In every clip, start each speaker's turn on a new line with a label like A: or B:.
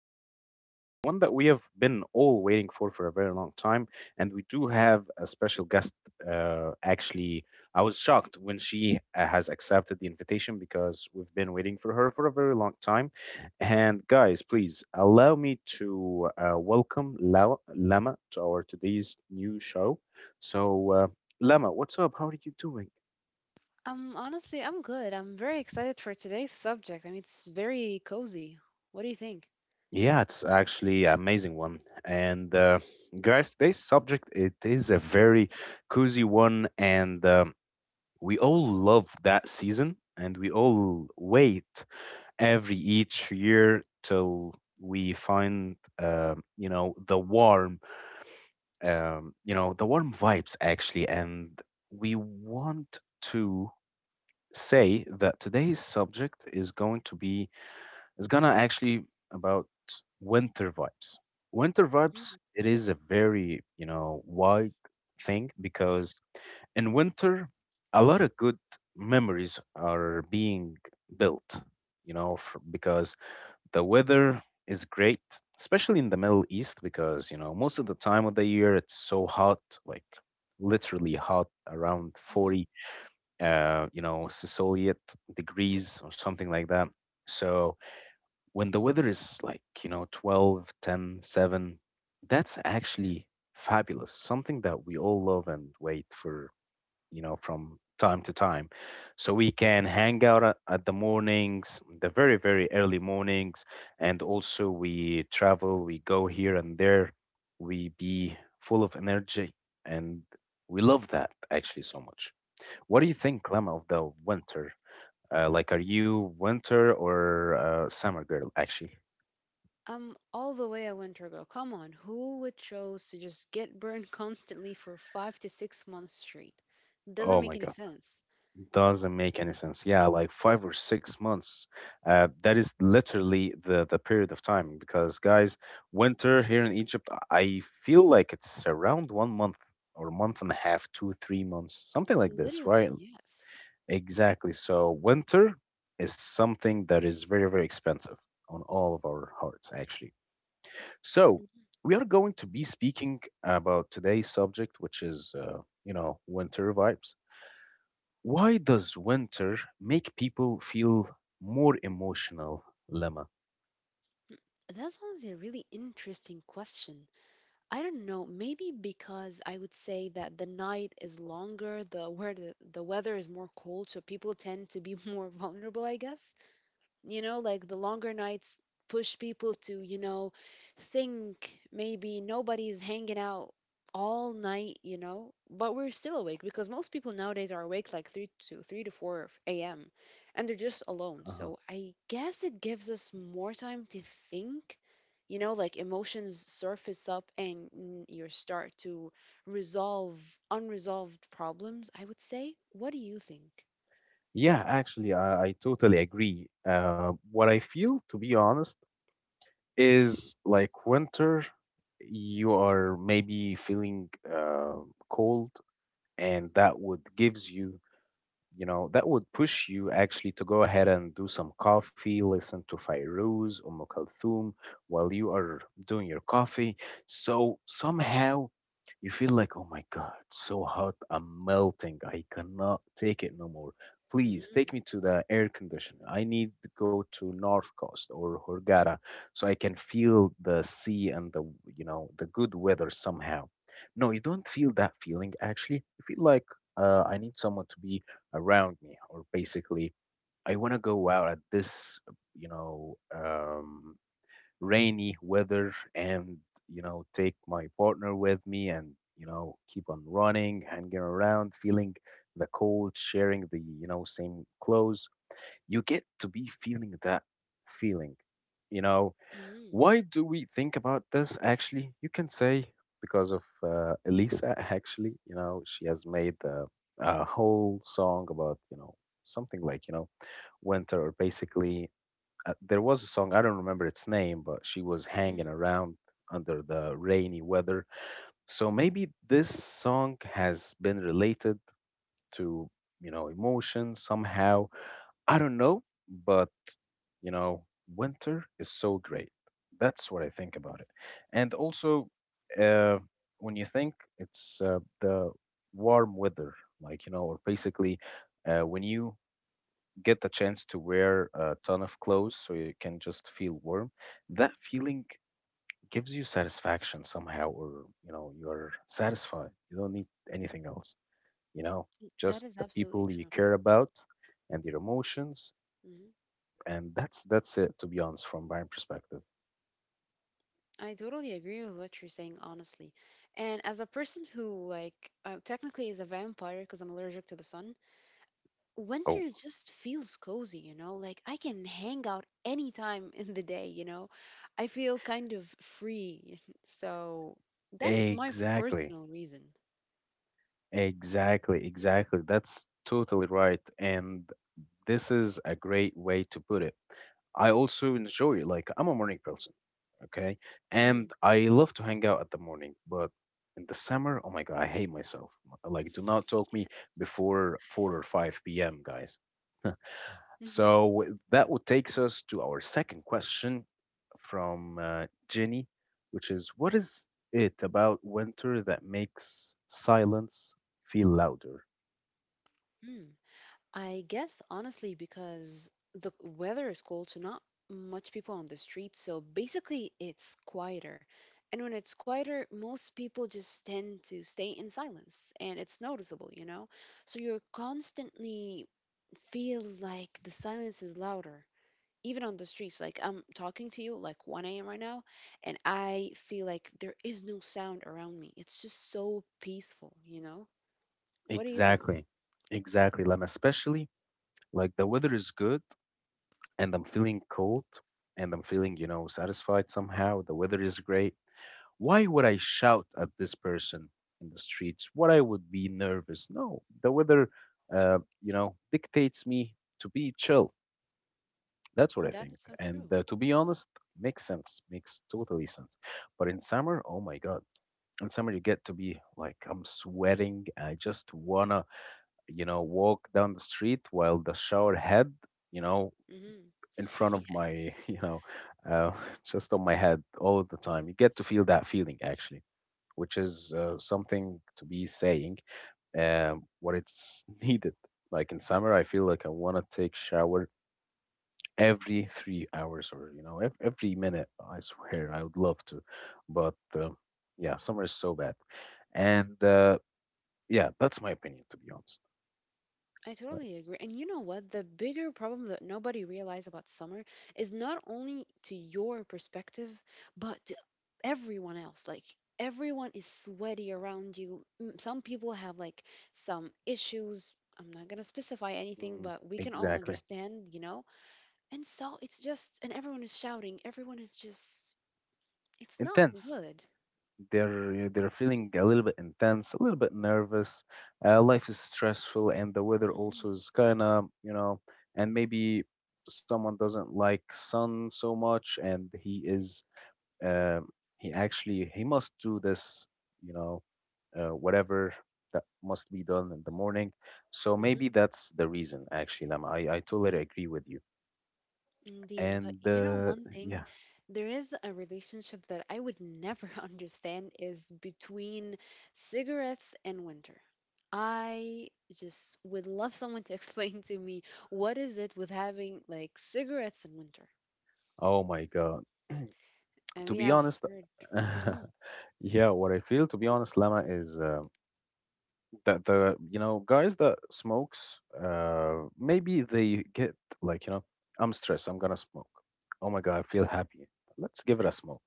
A: episode, the one that we have been all waiting for a very long time. And we do have a special guest. Actually, I was shocked when she has accepted the invitation because we've been waiting for her for a very long time. And guys, please allow me to welcome Lama to our today's new show. So, uh, Lama, what's up? How are you doing?
B: Honestly, I'm good. I'm very excited for today's subject. I mean, it's very cozy. What do you think?
A: Yeah, it's actually an amazing one. And guys, today's subject it is a very cozy one, and we all love that season, and we all wait every each year till we find you know the warm, you know the warm vibes actually, and we want to say that today's subject is going to be it's gonna actually about winter vibes. Winter
B: Mhm,
A: vibes, it is a very, you know, wide thing because in winter, a lot of good memories are being built, you know, f because the weather is great, especially in the Middle East, because, you know, most of the time of the year it's so hot, like literally hot around
B: mhm.
A: 40, you know, Celsius degrees or something like that. So, when the weather is like, you know, 12, 10, 7, that's actually fabulous. Something that we all love and wait for, you know, from time to time. So we can hang out at the mornings, the very, very early mornings. And also we travel, we go here and there. We be full of energy. And we love that actually so much. What do you think, Clem, of the winter? Like, are you winter or summer girl, actually?
B: I'm all the way a winter girl. Come on, who would chose to just get burned constantly for 5 to 6 months straight? Doesn't
A: Oh
B: make
A: my
B: any
A: God,
B: sense.
A: doesn't make any sense. Yeah, like 5 or 6 months. That is literally the period of time because guys, winter here in Egypt, I feel like it's around one month or month and a half, two, 3 months, something like this,
B: Literally,
A: right?
B: yes.
A: Exactly. So winter is something that is very, very expensive on all of our hearts, actually. So
B: Mhm.
A: we are going to be speaking about today's subject, which is, you know, winter vibes. Why does winter make people feel more emotional, Lama?
B: Mm, That's honestly a really interesting question. I don't know, maybe because I would say that the night is longer, the weather is more cold, so people tend to be more vulnerable, I guess. Like the longer nights push people to, think maybe nobody's hanging out all night. But we're still awake because most people nowadays are awake like 3 to 4 a.m., and they're just alone,
A: Uh-huh.
B: so I guess it gives us more time to think, like emotions surface up, and you start to resolve unresolved problems, I would say. What do you think?
A: Yeah, actually, I totally agree. What I feel, to be honest, is like winter you are maybe feeling cold and that would gives you you know, that would push you actually to go ahead and do some coffee, listen to Fairuz, Kulthum while you are doing your coffee. So somehow you feel like, oh my God, so hot, I'm melting. I cannot take it no more. Please take
B: Mm-hmm.
A: me to the air conditioner. I need to go to North Coast or Hurghada so I can feel the sea and the, you know, the good weather somehow. No, you don't feel that feeling actually. You feel like I need someone to be around me or basically I want to go out at this you know rainy weather and you know take my partner with me and you know keep on running hanging around feeling the cold sharing the you know same clothes you get to be feeling that feeling you know
B: Mm-hmm.
A: why do we think about this actually? You can say because of Elisa, actually. You know, she has made the, a whole song about, you know, something like, you know, winter or basically there was a song I don't remember its name but she was hanging around under the rainy weather so maybe this song has been related to you know emotion somehow I don't know, but you know, winter is so great. That's what I think about it. And also, uh, when you think it's the warm weather, like you know, or basically when you get the chance to wear a ton of clothes so you can just feel warm, that feeling gives you satisfaction somehow, or you know, you're satisfied. You don't need anything else. You know,
B: That
A: just
B: is
A: the
B: absolutely
A: people you
B: true.
A: care about and your emotions
B: Hmm.
A: and that's it, to be honest, from my perspective.
B: I totally agree with what you're saying, honestly. And as a person who, like, technically is a vampire because I'm allergic to the sun, winter
A: Oh,
B: just feels cozy, you know? Like, I can hang out anytime in the day, you know? I feel kind of free. So that's my
A: exactly,
B: personal reason.
A: exactly, exactly. That's totally right. And this is a great way to put it. I also enjoy, like, I'm a morning person, okay?
B: Mm-hmm.
A: And I love to hang out at the morning, but in the summer, oh my God, I hate myself. Like, do not talk me before 4 or 5 p.m., guys.
B: Mm-hmm.
A: So that would takes us to our second question from Jenny, which is, what is it about winter that makes silence feel louder?
B: Mm. I guess honestly because the weather is cold, so not much people on the street. So basically, it's quieter. And when it's quieter, most people just tend to stay in silence and it's noticeable, you know? So you're constantly feels like the silence is louder. Even on the streets, like I'm talking to you like 1 a.m. right now, and I feel like there is no sound around me. It's just so peaceful, you know? What do you think?
A: Exactly, exactly, Lam. Especially like the weather is good and I'm feeling cold and I'm feeling, you know, satisfied somehow. The weather is great. Why
B: Hmm.
A: would I shout at this person in the streets? What I would be nervous? No, the weather, you know, dictates me to be chill. That's what I
B: That
A: think.
B: is so
A: And
B: true.
A: to be honest, makes sense. Makes totally sense. But in summer, oh my God. In summer, you get to be like, I'm sweating. I just wanna, you know, walk down the street while the shower head, you know,
B: Hmm.
A: in front
B: Yeah,
A: of my, you know, uh, just on my head all of the time. You get to feel that feeling actually, which is something to be saying what it's needed. Like in summer, I feel like I wanna take shower every 3 hours or you know every minute I swear I would love to but yeah summer is so bad and yeah that's my opinion to be honest
B: I
A: right.
B: totally agree. And you know what? The bigger problem that nobody realized about summer is not only to your perspective, but to everyone else. Like, everyone is sweaty around you. Some people have like some issues. I'm not going to specify anything,
A: Mm,
B: but we can all
A: exactly,
B: understand, you know? And so it's just, and everyone is shouting. Everyone is just, it's not
A: intense.
B: good.
A: They're you know, they're feeling a little bit intense, a little bit nervous. Life is stressful, and the weather
B: Hmm.
A: also is kind of you know, and maybe someone doesn't like sun so much, and he is uh, he actually he must do this, you know, whatever that must be done in the morning. So maybe that's the reason. Actually, Lama, I totally agree with you.
B: Indeed, but
A: And
B: you know one
A: yeah,
B: thing, there is a relationship that I would never understand is between cigarettes and winter. I just would love someone to explain to me what is it with having like cigarettes in winter.
A: oh my God.
B: And
A: To
B: we
A: be
B: have
A: honest,
B: heard. Hmm.
A: yeah, what I feel, to be honest, Lama, is that the you know guys that smokes, maybe they get like you know, I'm stressed, I'm gonna smoke. Oh my God, I feel happy. Let's give it a smoke.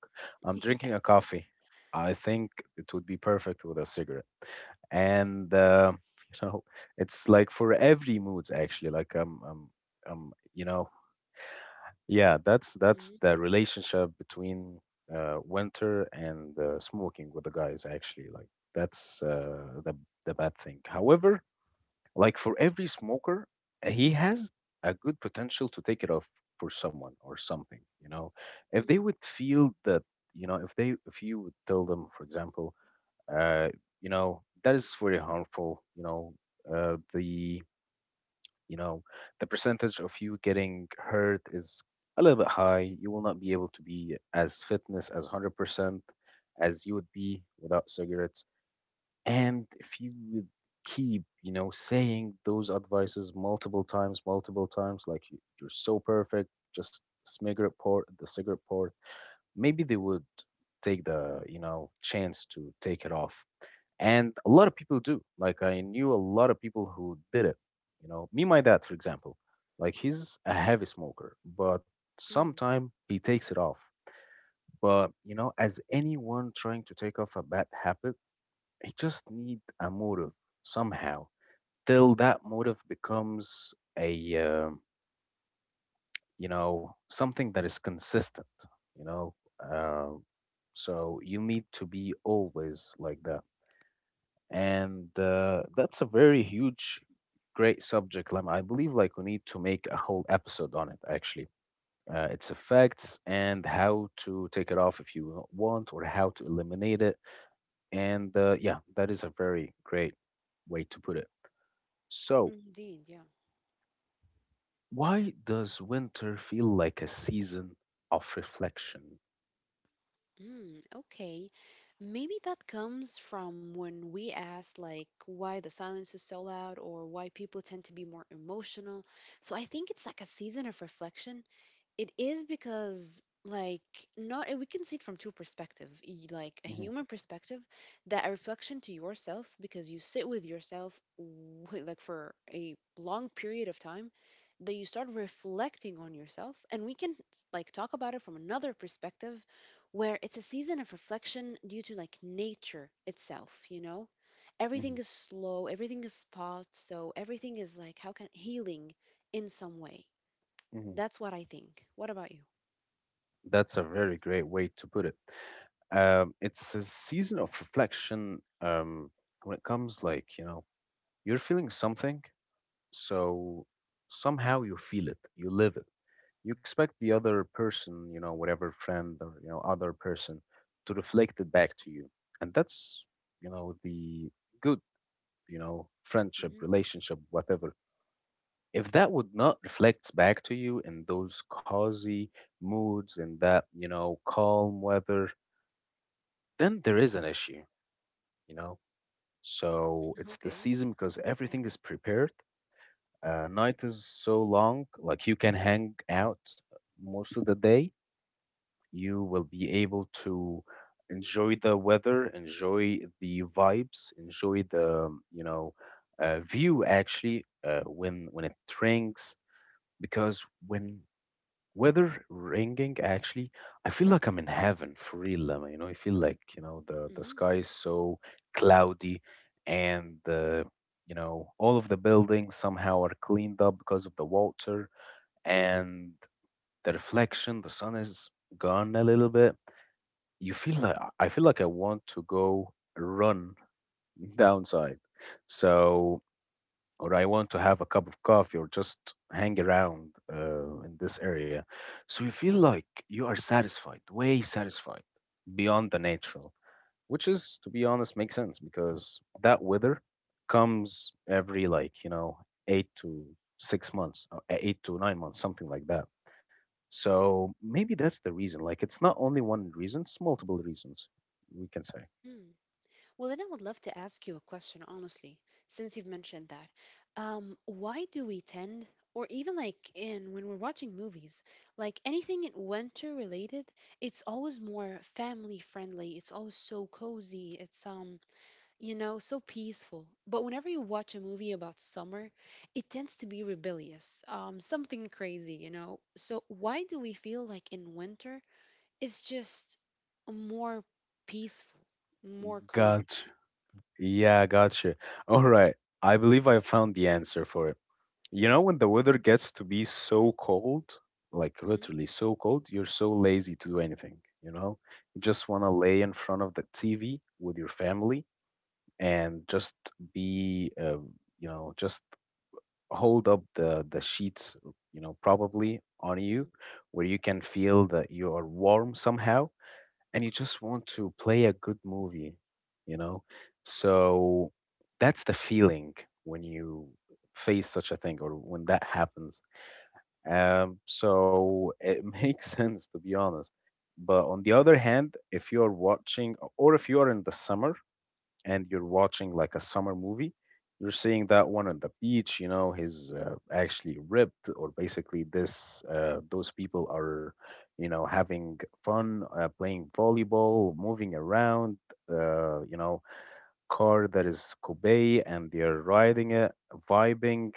A: I'm drinking a
B: Yeah.
A: coffee. I think it would be perfect with a cigarette. And you know, it's like for every moods actually. Like you know, yeah, that's the relationship between winter and smoking with the guys, actually. Like that's the bad thing. However, like for every smoker, he has a good potential to take it off for someone or something, you know. If
B: Mm-hmm.
A: they would feel that, you know, if they if you would tell them, for example, uh, you know, that is very harmful, you know, the you know, the percentage of you getting hurt is a little bit high. You will not be able to be as fitness as 100% as you would be without cigarettes. And if you would keep, you know, saying those advices multiple times, like "You- you're so perfect, just cigarette port, the cigarette port, maybe they would take the, you know, chance to take it off. And a lot of people do. Like I knew a lot of people who did it. You know, me, my dad, for example, like he's a heavy smoker, but
B: Mm-hmm.
A: sometime he takes it off. But you know, as anyone trying to take off a bad habit, it just need a motive somehow. Till that motive becomes a you know something that is consistent. You know, uh, so you need to be always like that. And that's a very huge great subject Lem. I believe like we need to make a whole episode on it actually its effects and how to take it off if you want or how to eliminate it and yeah that is a very great way to put it so
B: Indeed, yeah.
A: why does winter feel like a season of reflection?
B: Mm, okay. Maybe that comes from when we asked, like, why the silence is so loud or why people tend to be more emotional. So I think it's like a season of reflection. It is because, like, not we can see it from two perspectives, like a
A: Hmm,
B: human perspective that a reflection to yourself because you sit with yourself like for a long period of time that you start reflecting on yourself. And we can like talk about it from another perspective where it's a season of reflection due to like nature itself, you know, everything is slow, everything is paused, so everything is like how can healing in some way.
A: hmm.
B: That's what I think. What about you?
A: That's a very great way to put it. It's a season of reflection. When it comes, like you know, you're feeling something, so somehow you feel it, you live it. You expect the other person, you know, whatever friend or you know other person, to reflect it back to you, and that's you know the good, you know, friendship,
B: Mhm.
A: relationship, whatever. If that would not reflect back to you in those cozy moods in that you know calm weather then there is an issue, you know. So it's the
B: Okay.
A: season because everything is prepared. Night is so long, like you can hang out most of the day. You will be able to enjoy the weather, enjoy the vibes, enjoy the view actually when it drinks because when weather ringing, actually, I feel like I'm in heaven for real, Lemma. You know, I feel like, you know, the
B: Hmm.
A: sky is so cloudy and all of the buildings somehow are cleaned up because of the water and the reflection, the sun is gone a little bit. You feel like I want to go run downside. So or I want to have a cup of coffee or just hang around in this area. So you feel like you are satisfied, way satisfied, beyond the natural, which is, to be honest, makes sense because that weather comes every 8 to 6 months, or 8 to 9 months, something like that. So maybe that's the reason. Like it's not only one reason, it's multiple reasons, we can say.
B: Hmm. Well, then I would love to ask you a question, honestly, since you've mentioned that. Why do we tend, or even like in when we're watching movies, like anything in winter related, it's always more family friendly. It's always so cozy. It's so peaceful. But whenever you watch a movie about summer, it tends to be rebellious, something crazy. So why do we feel like in winter? It's just more peaceful, more cozy.
A: Gotcha. Yeah, gotcha. All right. I believe I found the answer for it. You know, when the weather gets to be so cold, like
B: Hmm.
A: literally so cold, you're so lazy to do anything, you know? You just want to lay in front of the TV with your family and just be, you know, just hold up the sheets, you know, probably on you
B: Hmm.
A: where you can feel that you are warm somehow and you just want to play a good movie, you know? So that's the feeling when you face such a thing or when that happens, so it makes sense, to be honest. But on the other hand, if you're watching, or if you are in the summer and you're watching like a summer movie, you're seeing that one on the beach. You know, he's actually ripped, or basically this those people are, you know, having fun, playing volleyball, moving around. You know, car that is Kobe, and they're riding it, vibing.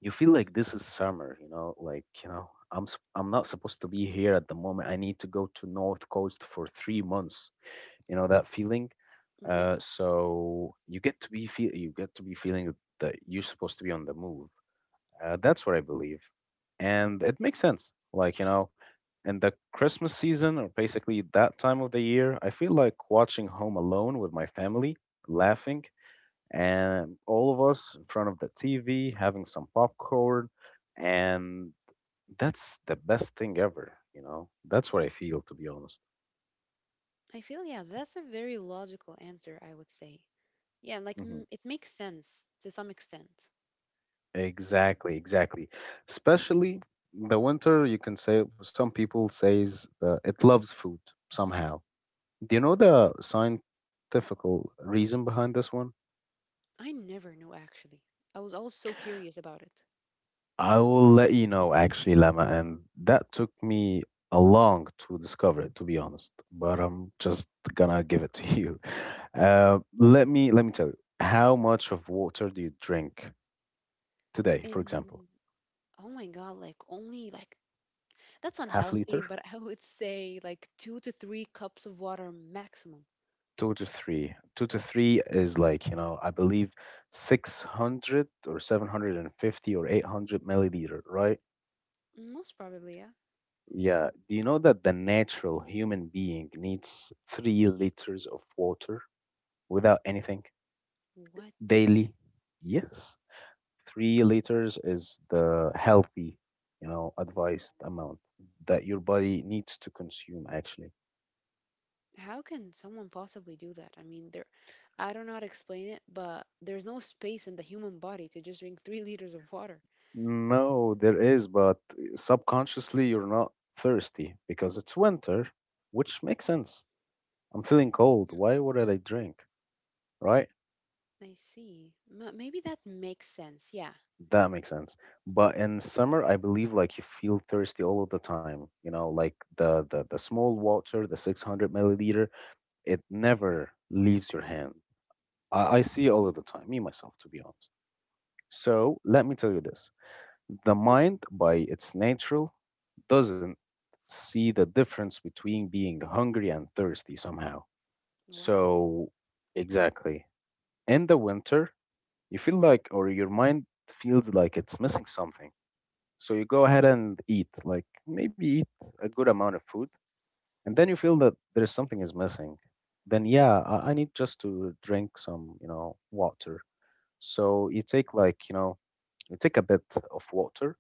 A: You feel like this is summer. You know, I'm not supposed to be here at the moment. I need to go to north coast for 3 months. You know that feeling?
B: Hmm. Yep.
A: So you get to be feel you get to be feeling that you're supposed to be on the move. That's what I believe, and it makes sense. In the christmas season or basically that time of the year, I feel like watching home alone with my family, laughing, and all of us in front of the TV having some popcorn, and that's the best thing ever. You know, that's what I feel, to be honest.
B: I feel, yeah, that's a very logical answer, I would say. Yeah, like
A: Hmm.
B: it makes sense to some extent.
A: Exactly, exactly. Especially the winter, you can say some people says that it loves food somehow. Do you know
B: Mhm.
A: the scientific reason behind this one?
B: I never knew actually. I was always so curious about it.
A: I will let you know actually, Lama, and that took me a long to discover it, to be honest. But I'm just gonna give it to you. Let me tell you, how much of water do you drink today, for example?
B: And oh my God, like only like that's
A: Half
B: unhealthy,
A: liter?
B: but I would say like 2 to 3 cups of water maximum.
A: Two to three. Two to three is like, you know, I believe 600 or 750 or 800 milliliter, right?
B: Most probably, yeah.
A: Yeah. Do you know that the natural human being needs 3 liters of water without anything?
B: What?
A: Daily. Yes, 3 liters is the healthy, you know, advised amount that your body needs to consume actually.
B: How can someone possibly do that? I mean, there, I don't know how to explain it, but there's no space in the human body to just drink 3 liters of water.
A: No, there is, but subconsciously you're not thirsty because it's winter, which makes sense. I'm feeling cold, why would I drink, right?
B: I see. Maybe that makes sense. Yeah.
A: That makes sense, but in summer I believe like you feel thirsty all of the time. You know, like the small water, the 600 milliliter, it never leaves your hand. I see it
B: Mhm.
A: all of the time, me myself, to be honest. So let me tell you this: the mind, by its nature, doesn't see the difference between being hungry and thirsty somehow.
B: Wow.
A: So, exactly. In the winter, you feel like, or your mind feels like it's missing something. So you go ahead and eat, like maybe eat a good amount of food, and then you feel that there's something is missing. Then yeah, I need just to drink some, you know, water. So you take like, you know, you take a bit of water,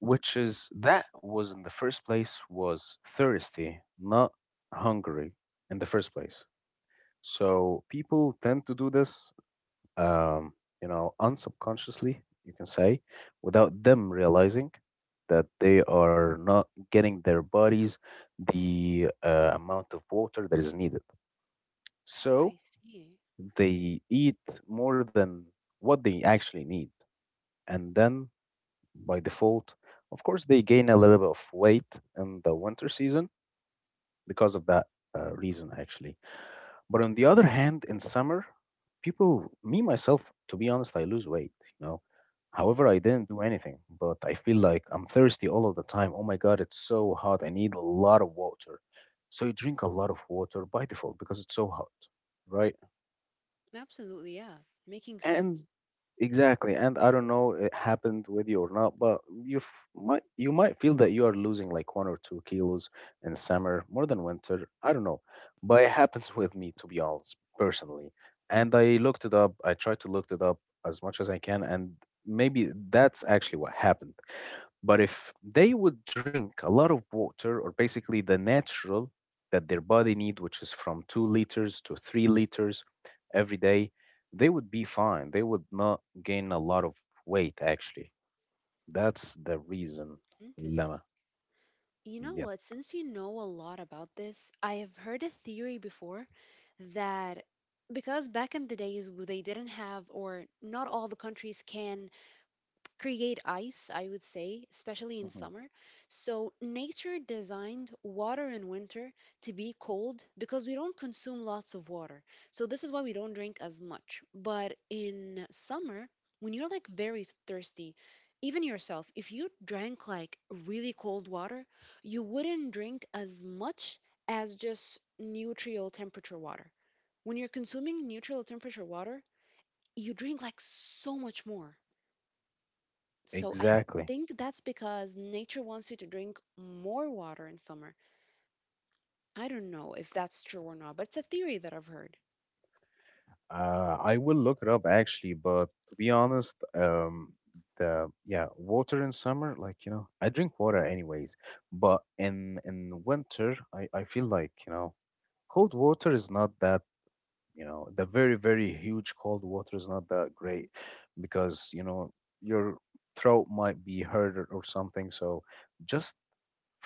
A: which is that was in the first place was thirsty, not hungry in the first place. So people tend to do this, um, you know, unsubconsciously, you can say, without them realizing that they are not getting their bodies the amount of water that is needed.
B: I
A: So
B: see.
A: they eat more than what they actually need. And then by default. Of course, they gain a little bit of weight in the winter season because of that reason, actually. But on the other hand, in summer, people, me myself, to be honest, I lose weight, you know. However, I didn't do anything, but I feel like I'm thirsty all of the time. Oh my God, it's so hot. I need a lot of water. So you drink a lot of water by default because it's so hot, right?
B: Absolutely. Yeah. Making
A: And
B: sense.
A: exactly, and I don't know it happened with you or not, but you might feel that you are losing like 1 or 2 kilos in summer more than winter, I don't know, but it happens with me, to be honest, personally. And i looked it up i tried to look it up as much as I can, and maybe that's actually what happened. But if they would drink a lot of water, or basically the natural that their body need, which is from 2 liters to 3 liters every day, they would be fine. They would not gain a lot of weight, actually. That's the reason,
B: Interesting.
A: Lama.
B: You know
A: Yep.
B: what? Since you know a lot about this, I have heard a theory before that because back in the days where they didn't have, or not all the countries can create ice, I would say, especially in
A: Mhm.
B: summer. So nature designed water in winter to be cold because we don't consume lots of water. So this is why we don't drink as much. But in summer, when you're like very thirsty, even yourself, if you drank like really cold water, you wouldn't drink as much as just neutral temperature water. When you're consuming neutral temperature water, you drink like so much more. So I
A: Exactly.
B: think that's because nature wants you to drink more water in summer. I don't know if that's true or not, but it's a theory that I've heard.
A: I will look it up actually, but to be honest, the yeah, water in summer, like you know, I drink water anyways, but in winter, I feel like, you know, cold water is not that, you know, the very huge cold water is not that great because, you know, your throat might be hurt or something. So just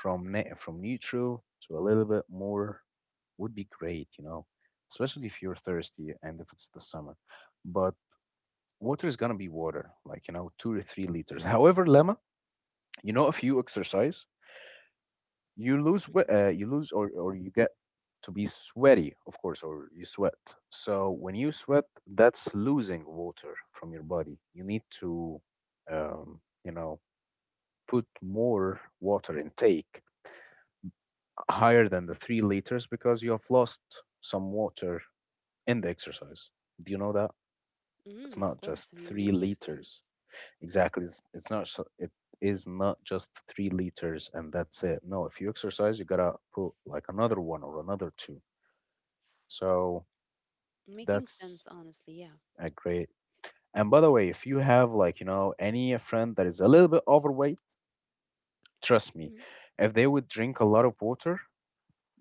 A: from neutral to a little bit more would be great, you know, especially if you're thirsty and if it's the summer. But water is gonna be water, like you know, 2 or 3 liters.
B: Mhm,
A: However, Lemma, you know, if you exercise,
B: mhm.
A: you lose, or you get to be sweaty, of course, or you sweat. So when you sweat, that's losing water from your body. You need to, you know, put more water intake higher than the 3 liters because you have lost some water in the exercise. Do you know that? It's
B: Mm, of
A: not
B: course,
A: just
B: I mean,
A: three
B: making
A: liters.
B: sense.
A: Exactly. It is not just 3 liters and that's it. No, if you exercise, you gotta put like another one or another two. So
B: Making
A: that's
B: sense, honestly, yeah.
A: a great. And by the way, if you have like you know any friend that is a little bit overweight, trust me,
B: Mhm.
A: if they would drink a lot of water,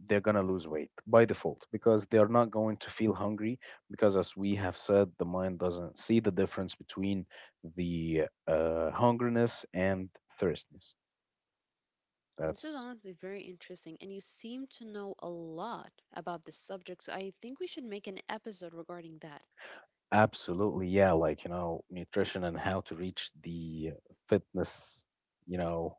A: they're gonna lose weight by default because they're not going to feel hungry, because as we have said the mind doesn't see the difference between the hungriness and thirstiness.
B: This is
A: That's
B: honestly very interesting, and you seem to know a lot about this subject, so I think we should make an episode regarding that.
A: absolutely, yeah. Like you know, nutrition and how to reach the fitness, you know,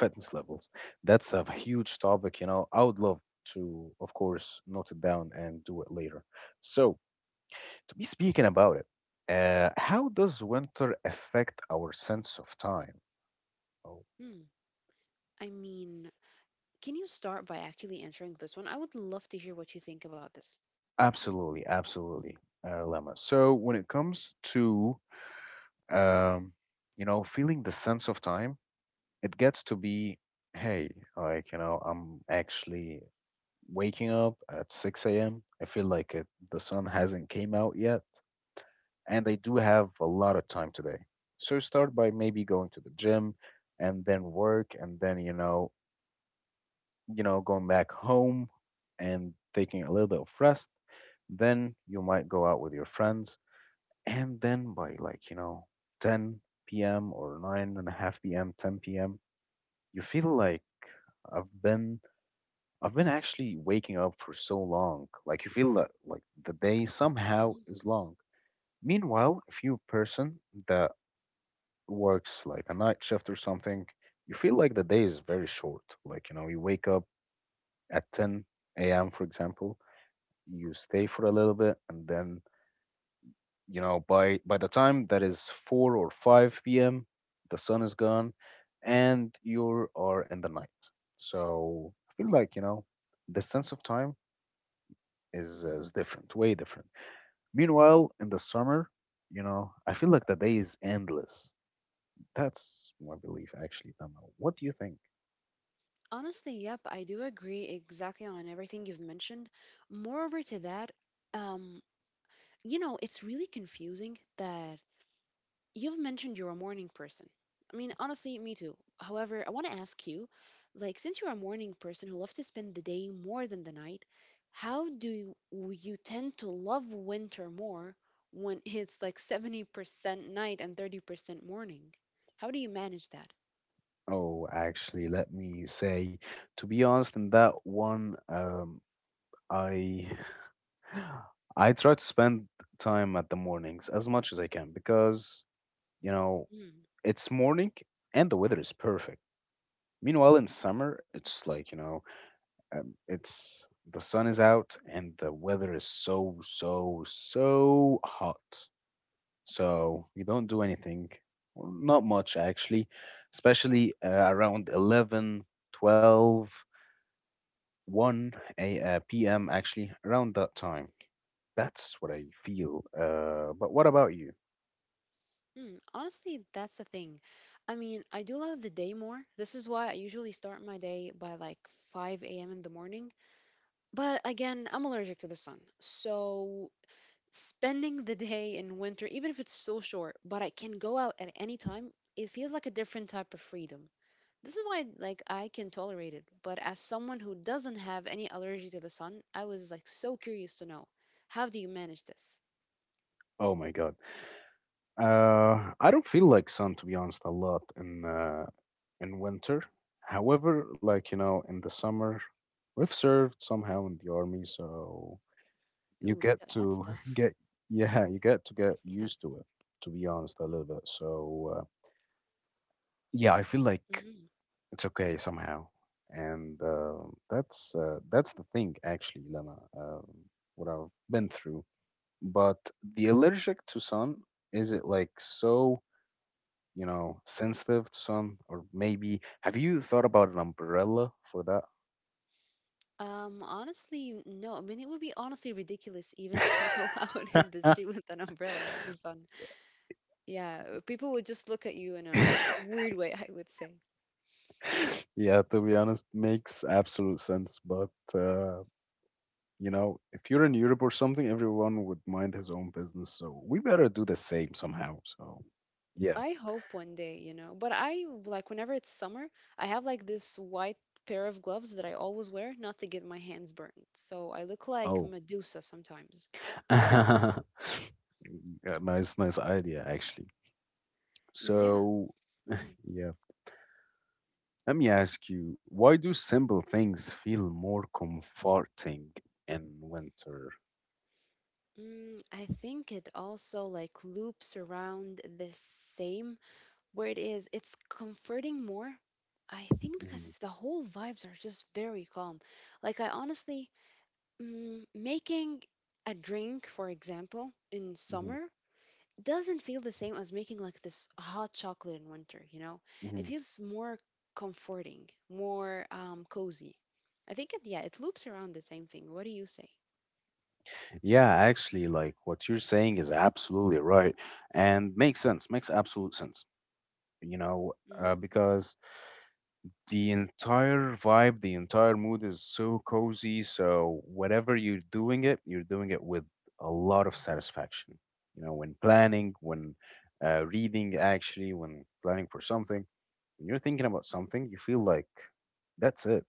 A: fitness levels, that's a huge topic. You know, I would love to of course note it down and do it later. So to be speaking about it, how does winter affect our sense of time? Oh,
B: Hmm. I mean, can you start by actually answering this one? I would love to hear what you think about this.
A: absolutely, absolutely, Lemma. So when it comes to, um, you know, feeling the sense of time, it gets to be, hey, like you know, I'm actually waking up at 6 a.m. I feel like it, the sun hasn't came out yet, and I do have a lot of time today. So start by maybe going to the gym, and then work, and then you know, going back home and taking a little bit of rest. Then you might go out with your friends. And then by like, you know, 10 p.m. or 9 and a half p.m., 10 p.m., you feel like I've been I've been actually waking up for so long. Like you feel that like the day somehow
B: Hmm.
A: is long. Meanwhile, if you're a person that works like a night shift or something, you feel like the day is very short. Like, you know, you wake up at 10 a.m., for example, you stay for a little bit and then, you know, by the time that is 4 or 5 p.m., the sun is gone and you are in the night. So I feel like, you know, the sense of time is,
B: Hmm.
A: is different, way different. Meanwhile, in the summer, you know, I feel like the day is endless. That's my belief, actually, Tama. What do you think?
B: Honestly, yep, I do agree exactly on everything you've mentioned. Moreover to that, um, it's really confusing that you've mentioned you're a morning person. I mean, honestly, me too. However, I want to ask you, like, since you're a morning person who love to spend the day more than the night, you tend to love winter more when it's like 70% night and 30% morning? How do you manage that?
A: Oh, actually, let me say, to be honest, in that one, I I try to spend time at the mornings as much as I can because, you know, it's morning and the weather is perfect. Meanwhile, in summer, it's like, you know, it's the sun is out and the weather is so, so, so hot. So you don't do anything, well, not much actually, especially around 11, 12, 1 p.m. actually, around that time. That's what I feel. But what about you?
B: Mm, honestly, that's the thing. I mean, I do love the day more. This is why I usually start my day by like 5 a.m. in the morning. But again, I'm allergic to the sun. So spending the day in winter, even if it's so short, but I can go out at any time, it feels like a different type of freedom. This is why like I can tolerate it. But as someone who doesn't have any allergy to the sun, I was like so curious to know, how do you manage this?
A: Oh my God. I don't feel like sun to be honest a lot in in winter. However, like you know, in the summer, we've served somehow in the army, so you
B: Ooh,
A: get
B: that's
A: to
B: tough.
A: get yeah, you get to get
B: Yes.
A: used to it. To be honest, a little bit. So yeah, I feel like
B: Mm-hmm.
A: it's okay somehow, and that's the thing actually, Lena. What I've been through But the allergic to sun, is it like so, you know, sensitive to sun? Or maybe have you thought about an umbrella for that?
B: Honestly, no. I mean, it would be honestly ridiculous even to go out in the street with an umbrella in the sun. Yeah, people would just look at you in a weird way, I would say.
A: Yeah, to be honest, makes absolute sense. But uh, you know, if you're in Europe or something, everyone would mind his own business. So we better do the same somehow. So yeah.
B: I hope one day, but I like whenever it's summer, I have like this white pair of gloves that I always wear not to get my hands burned. So I look like
A: Oh,
B: Medusa sometimes.
A: yeah, nice, nice idea actually.
B: Yeah.
A: So
B: Mhm.
A: yeah. Let me ask you, why do simple things feel more comforting in winter?
B: Mm, I think it also like loops around the same where it is. It's comforting more. I think because
A: Hmm.
B: it's the whole vibes are just very calm. Like I honestly making a drink, for example, in
A: Hmm.
B: summer doesn't feel the same as making like this hot chocolate in winter, you know? It
A: Hmm.
B: feels more comforting, more cozy. I think it, yeah, it loops around the same thing. What do you say?
A: Yeah, actually, like what you're saying is absolutely right and makes sense, makes absolute sense, you know,
B: Mm,
A: because the entire vibe, the entire mood is so cozy. So whatever you're doing it with a lot of satisfaction. You know, when planning, when reading, actually, when planning for something, when you're thinking about something, you feel like that's it.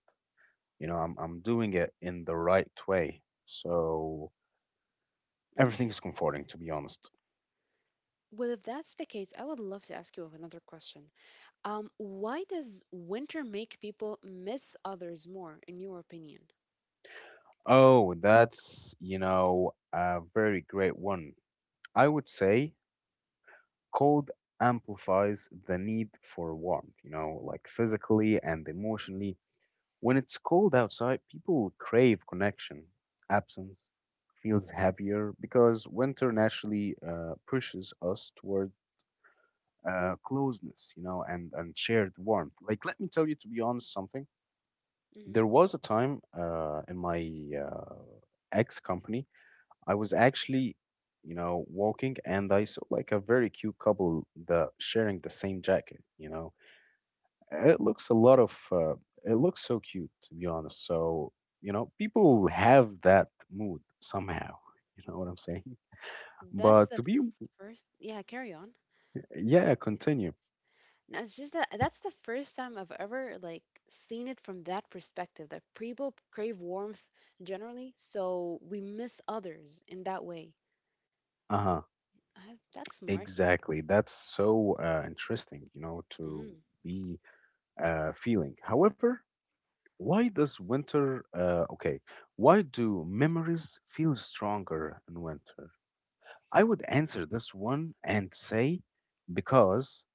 A: You know, I'm doing it in the right way. So everything is
B: interesting.
A: comforting, to be honest.
B: Well, if that's the case, I would love to ask you another question. Why does winter make people miss others more, in your opinion?
A: Oh, that's you know a very great one. I would say cold amplifies the need for warmth, you know, like physically and emotionally. When it's cold outside, people crave connection. Absence feels heavier because winter naturally pushes us toward closeness, you know, and shared warmth. Like, let me tell you, to be honest, something.
B: Hmm.
A: There was a time in my uh, ex company I was actually, you know, walking and I saw like a very cute couple that sharing the same jacket, you know. It looks a lot of it looks so cute to be honest. So, you know, people have that mood somehow, you know what I'm saying?
B: That's
A: But
B: the
A: to be
B: first. Yeah, carry on.
A: Yeah, continue.
B: No, it's just that that's the first time I've ever like seen it from that perspective that people crave warmth generally, so we miss others in that way.
A: Uh-huh.
B: That's smart.
A: Exactly. That's so interesting, you know, to
B: Mhm.
A: be feeling. However, Why does winter, okay, why do memories feel stronger in winter? I would answer this one and say because,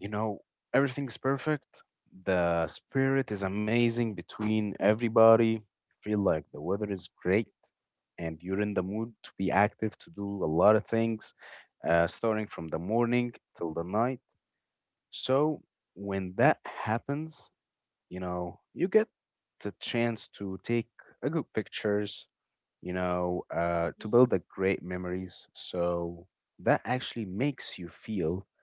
A: you know, everything's perfect. The spirit is amazing between everybody. You feel like the weather is great and you're in the mood to be active, to do a lot of things, starting from the morning till the night. So when that happens, you know you get the chance to take a good pictures, you know, to
B: Mhm.
A: build a great memories. So that actually makes you feel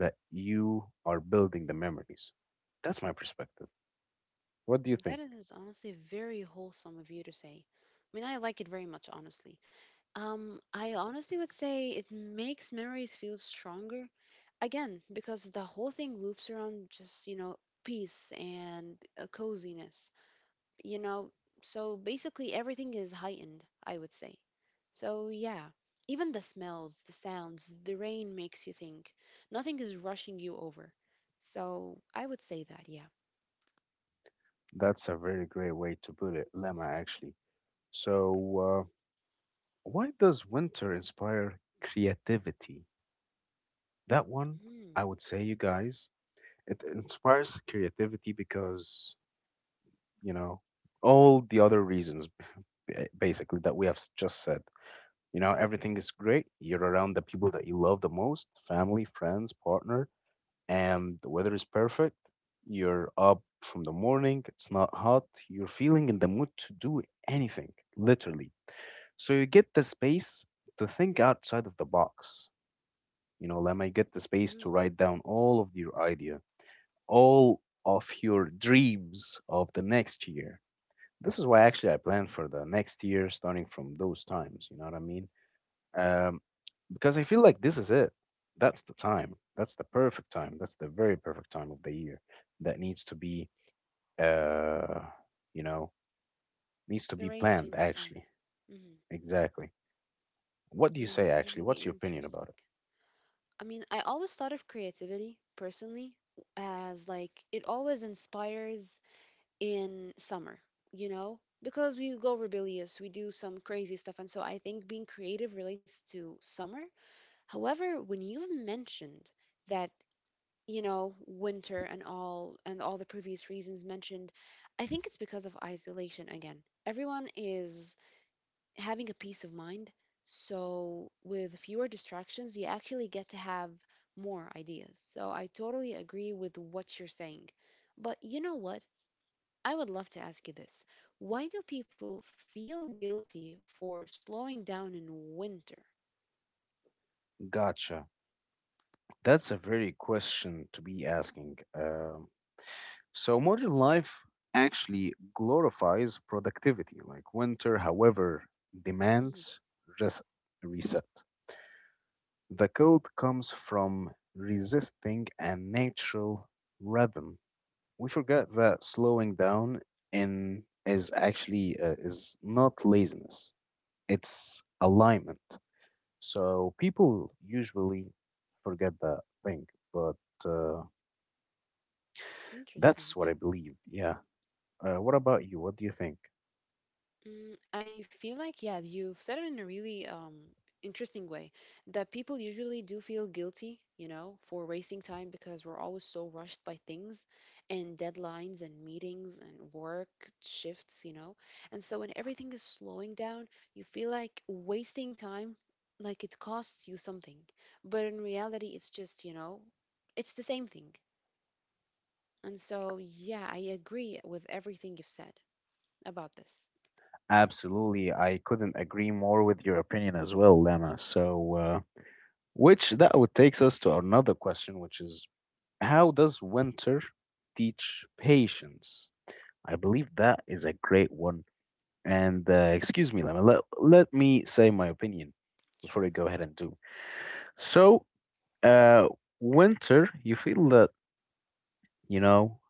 A: that you are building the memories. That's my perspective. What do you
B: That
A: think?
B: is honestly very wholesome of you to say. I mean, I like it very much, honestly. I honestly would say it makes memories feel stronger again because the whole thing loops around just peace and coziness, you know so basically everything is heightened, I would say. So yeah, even the smells, the sounds, the rain makes you think nothing is rushing you over, so I would say that, yeah.
A: That's a very great way to put it, Lemma, actually. So uh, why does winter inspire creativity? That one, I
B: Mm.
A: would say, you guys, it inspires creativity because, you know, all the other reasons basically that we have just said. You know, everything is great. You're around the people that you love the most, family, friends, partner, and the weather is perfect. You're up from the morning, it's not hot. You're feeling in the mood to do anything, literally. So you get the space to think outside of the box. You know, Lemma, you get the space
B: Hmm.
A: to write down all of your idea, all of your dreams of the next year. This is why actually I plan for the next year starting from those times, you know what I mean? Um, because I feel like this is it. That's the time. That's the perfect time. That's the very perfect time of the year that needs to be, uh, you know, needs to be planned
B: Arranging
A: actually.
B: plans. mm,
A: Exactly. What do you say
B: that's
A: actually?
B: really
A: What's your opinion
B: interesting.
A: about it?
B: I mean, I always thought of creativity personally as like it always inspires in summer, because we go rebellious, we do some crazy stuff. And so I think being creative relates to summer. However, when you've mentioned that, winter and all the previous reasons mentioned, I think it's because of isolation again. Everyone is having a peace of mind. So with fewer distractions, you actually get to have more ideas. So I totally agree with what you're saying. But you know what? I would love to ask you this. Why do people feel guilty for slowing down in winter?
A: Gotcha. That's a very question to be asking. So modern life actually glorifies productivity, like winter, however,
B: Mhm.
A: demands res- reset. The cold comes from resisting a natural rhythm. We forget that slowing down in is actually is not laziness. It's alignment. So people usually forget that thing, but uh, that's what
B: Interesting.
A: I
B: Yeah.
A: believe. Yeah. What about you? What do you think?
B: I feel like, yeah, you've said it in a really interesting way that people usually do feel guilty for wasting time because we're always so rushed by things and deadlines and meetings and work shifts. And so when everything is slowing down, you feel like wasting time, like it costs you something. But in reality, it's just, you know, it's the same thing. And so, yeah, I agree with everything you've said about this.
A: Absolutely. I couldn't agree more with your opinion as well, Lama. So, which that would takes us to another question, which is how does winter teach patience? I believe that is a great one. And excuse me, Lama, let me say my opinion before
B: Sure.
A: I go ahead and do. So, uh, winter, you feel that, you know,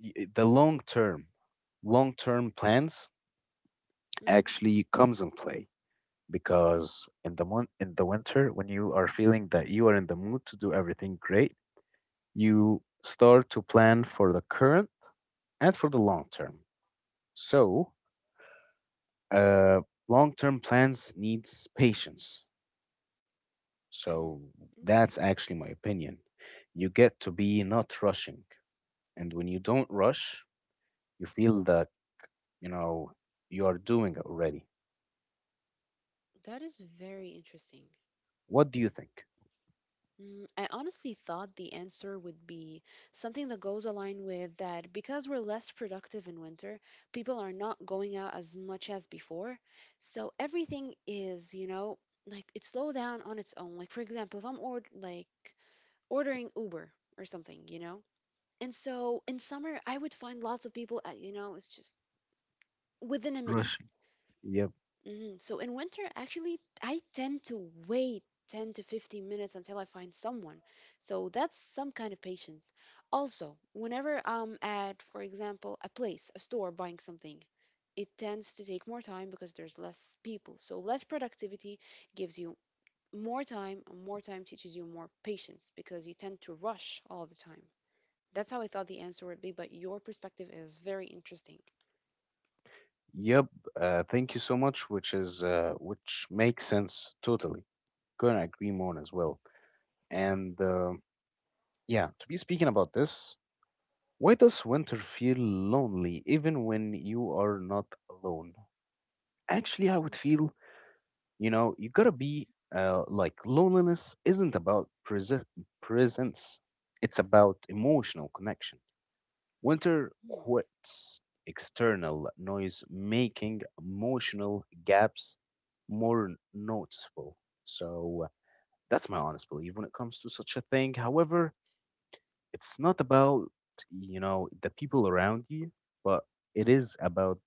A: the long term plans actually comes in play because in the winter when you are feeling that you are in the mood to do everything great, you start to plan for the current and for the long term. So uh, long term plans needs patience.
B: Mm,
A: So that's
B: interesting.
A: actually my opinion. You get to be not rushing, and when you don't rush you feel that, you know, you are doing it already.
B: That is very interesting.
A: What do you think?
B: Mm, I honestly thought the answer would be something that goes aligned with that because we're less productive in winter, people are not going out as much as before. So everything is like it slow down on its own. Like for example, if I'm ordering Uber or something? And so in summer, I would find lots of people at, it's just within a minute.
A: Rushing. Yep.
B: Mm, so in winter, actually, I tend to wait 10 to 15 minutes until I find someone. So that's some kind of patience. Also, whenever I'm at, for example, a place, a store buying something, it tends to take more time because there's less people. So less productivity gives you more time, and more time teaches you more patience because you tend to rush all the time. That's how I thought the answer would be, but your perspective is very interesting.
A: Yep, thank you so much, which is which makes sense totally. Couldn't agree more as well. And yeah, to be speaking about this, why does winter feel lonely even when you are not alone? Actually, I would feel, you know, you gotta be like loneliness isn't about presence; it's about emotional connection. Winter
B: Mm,
A: quits external noise, making emotional gaps more noticeable. So that's my honest belief when it comes to such a thing. However, it's not about, you know, the people around you, but it is about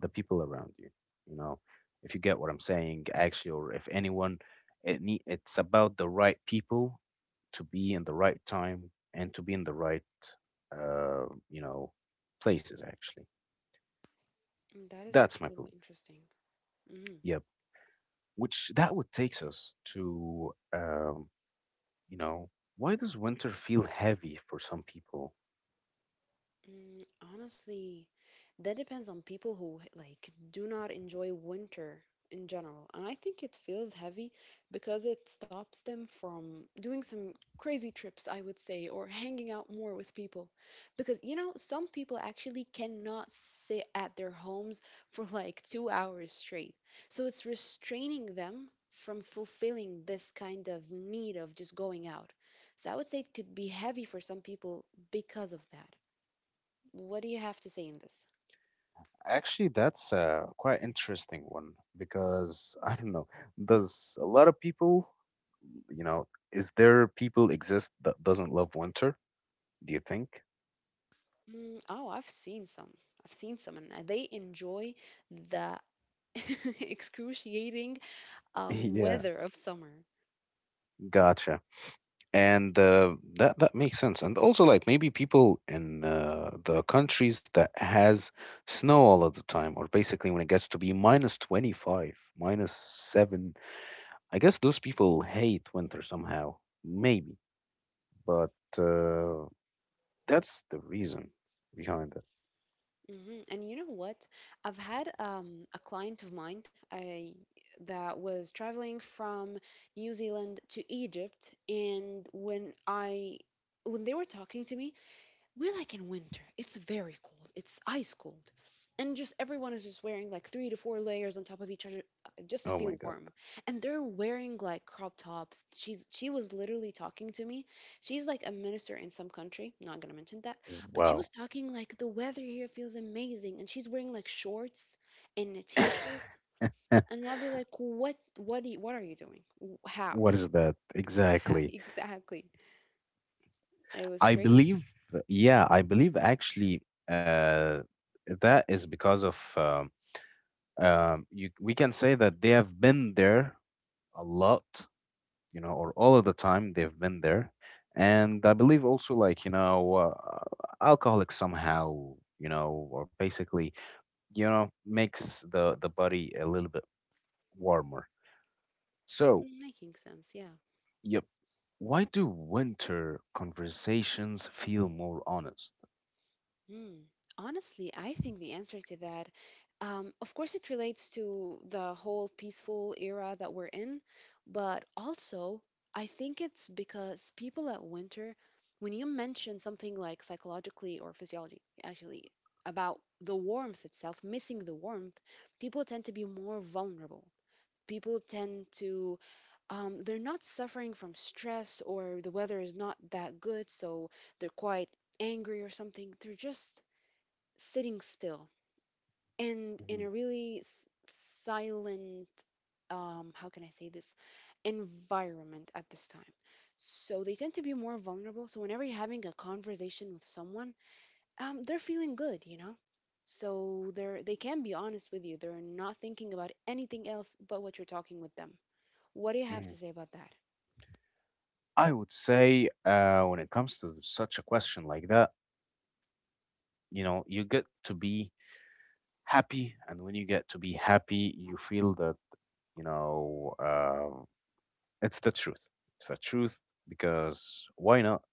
A: the people around you, you know, if you get what I'm saying actually, or if anyone it need, it's about the right people to be in the right time and to be in the right, you know, places actually.
B: That is
A: That's my
B: incredibly
A: belief.
B: interesting. Mhm.
A: Yep. Which that would takes us to, you know, why does winter feel heavy for some people?
B: Mm, honestly, that depends on people who like do not enjoy winter in general. And I think it feels heavy because it stops them from doing some crazy trips, I would say, or hanging out more with people. Because you know, some people actually cannot sit at their homes for like 2 hours straight. So it's restraining them from fulfilling this kind of need of just going out. So I would say it could be heavy for some people because of that. What do you have to say in this?
A: Actually, that's a quite interesting one because I don't know, there's a lot of people, you know, is there people exist that doesn't love winter, do you think?
B: Mm, oh, I've seen some. I've seen some, and they enjoy the excruciating
A: Yeah,
B: weather of summer.
A: gotcha. And that makes sense. And also, like maybe people in the countries that has snow all of the time, or basically when it gets to be minus 25, -7, I guess those people hate winter somehow, maybe. But uh, that's the reason behind it.
B: Hmm. And you know what? I've had a client of mine that was traveling from New Zealand to Egypt, and when they were talking to me, we're like in winter. It's very cold. It's ice cold. And just everyone is just wearing like three to four layers on top of each other just
A: Oh
B: to
A: my
B: feel
A: God.
B: warm. And they're wearing like crop tops. She was literally talking to me. She's like a minister in some country, not gonna mention that, but she was
A: Wow.
B: talking like the weather here feels amazing and she's wearing like shorts and a t-shirt. And I'll be like, "What do you, what are you doing? W- How?"
A: What is that
B: How?
A: exactly?
B: Exactly. It was
A: I
B: crazy.
A: believe, yeah, I believe actually uh, that is because of you, we can say that they have been there a lot, you know, or all of the time they've been there. And I believe also, like, you know, alcoholics somehow, you know, or basically, you know, makes the body a little bit warmer. So,
B: Mm, making sense, yeah.
A: yep. Why do winter conversations feel more honest?
B: Mm. Honestly, I think the answer to that, of course, it relates to the whole peaceful era that we're in, but also I think it's because people at winter, when you mention something like psychologically or physiology, actually, about the warmth itself, missing the warmth, people tend to be more vulnerable. People tend to, they're not suffering from stress or the weather is not that good, so they're quite angry or something. They're just sitting still and in a really silent um, how can I say this, environment at this time, so they tend to be more vulnerable, so whenever you're having a conversation with someone, um, they're feeling good, you know, so they can be honest with you, they're not thinking about anything else but what you're talking with them. What do you have
A: Mhm.
B: to say about that?
A: I would say, when it comes to such a question like that, you know, you get to be happy, and when you get to be happy, you feel that, you know, it's the truth. It's the truth because why not?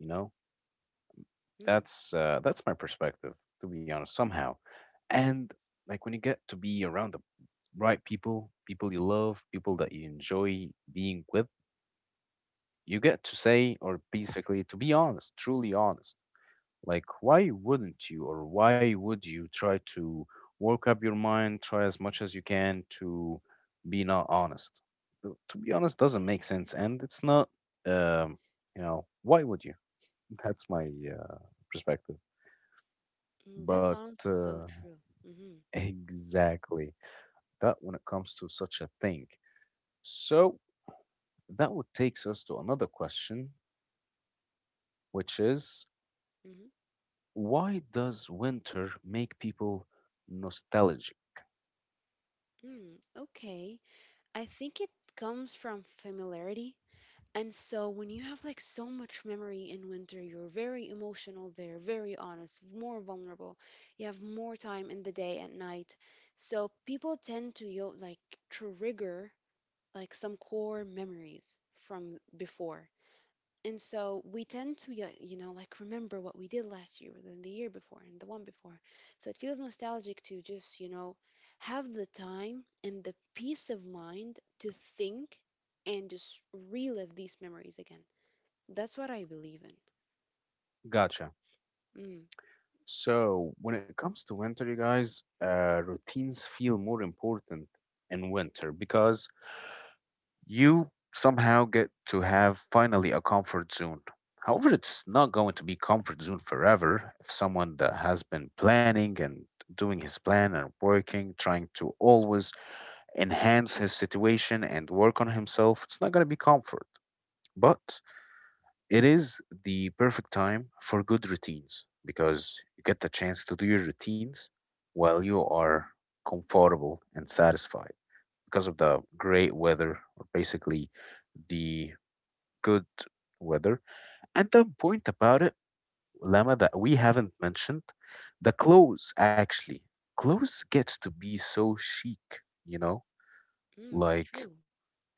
A: You know,
B: Hmm.
A: that's that's my perspective, to be honest, somehow. And like when you get to be around the right people, people you love, people that you enjoy being with, you get to say, or basically to be honest, truly honest. Like, why wouldn't you, or why would you try to work up your mind, try as much as you can to be not honest? To be honest, doesn't make sense, and it's not, um, you know, why would you? That's my perspective.
B: Mm, that
A: But
B: sounds is so
A: uh,
B: true. Mm-hmm.
A: exactly that when it comes to such a thing. So that would takes us to another question, which is
B: Mm-hmm.
A: why does winter make people nostalgic?
B: Mm, okay. I think it comes from familiarity. And so when you have like so much memory in winter, you're very emotional there, very honest, more vulnerable. You have more time in the day and night. So people tend to yo like trigger like some core memories from before. And so we tend to yeah, you know, like remember what we did last year, than the year before, and the one before. So it feels nostalgic to just you know have the time and the peace of mind to think and just relive these memories again. That's what I believe
A: Gotcha.
B: in.
A: So when it comes to winter, you guys, routines feel more important in winter because you somehow get to have finally a comfort zone. However, it's not going to be comfort zone forever if someone that has been planning and doing his plan and working, trying to always
B: Mm, mhm,
A: enhance his situation and work on himself, it's not going to be comfort. But it is the perfect time for good routines because you get the chance to do your routines while you are comfortable and satisfied because of the great weather or basically the good weather. And the point about it, Lama, that we haven't mentioned, the clothes actually. Clothes gets to be so chic, you know?
B: mm,
A: Like,
B: true.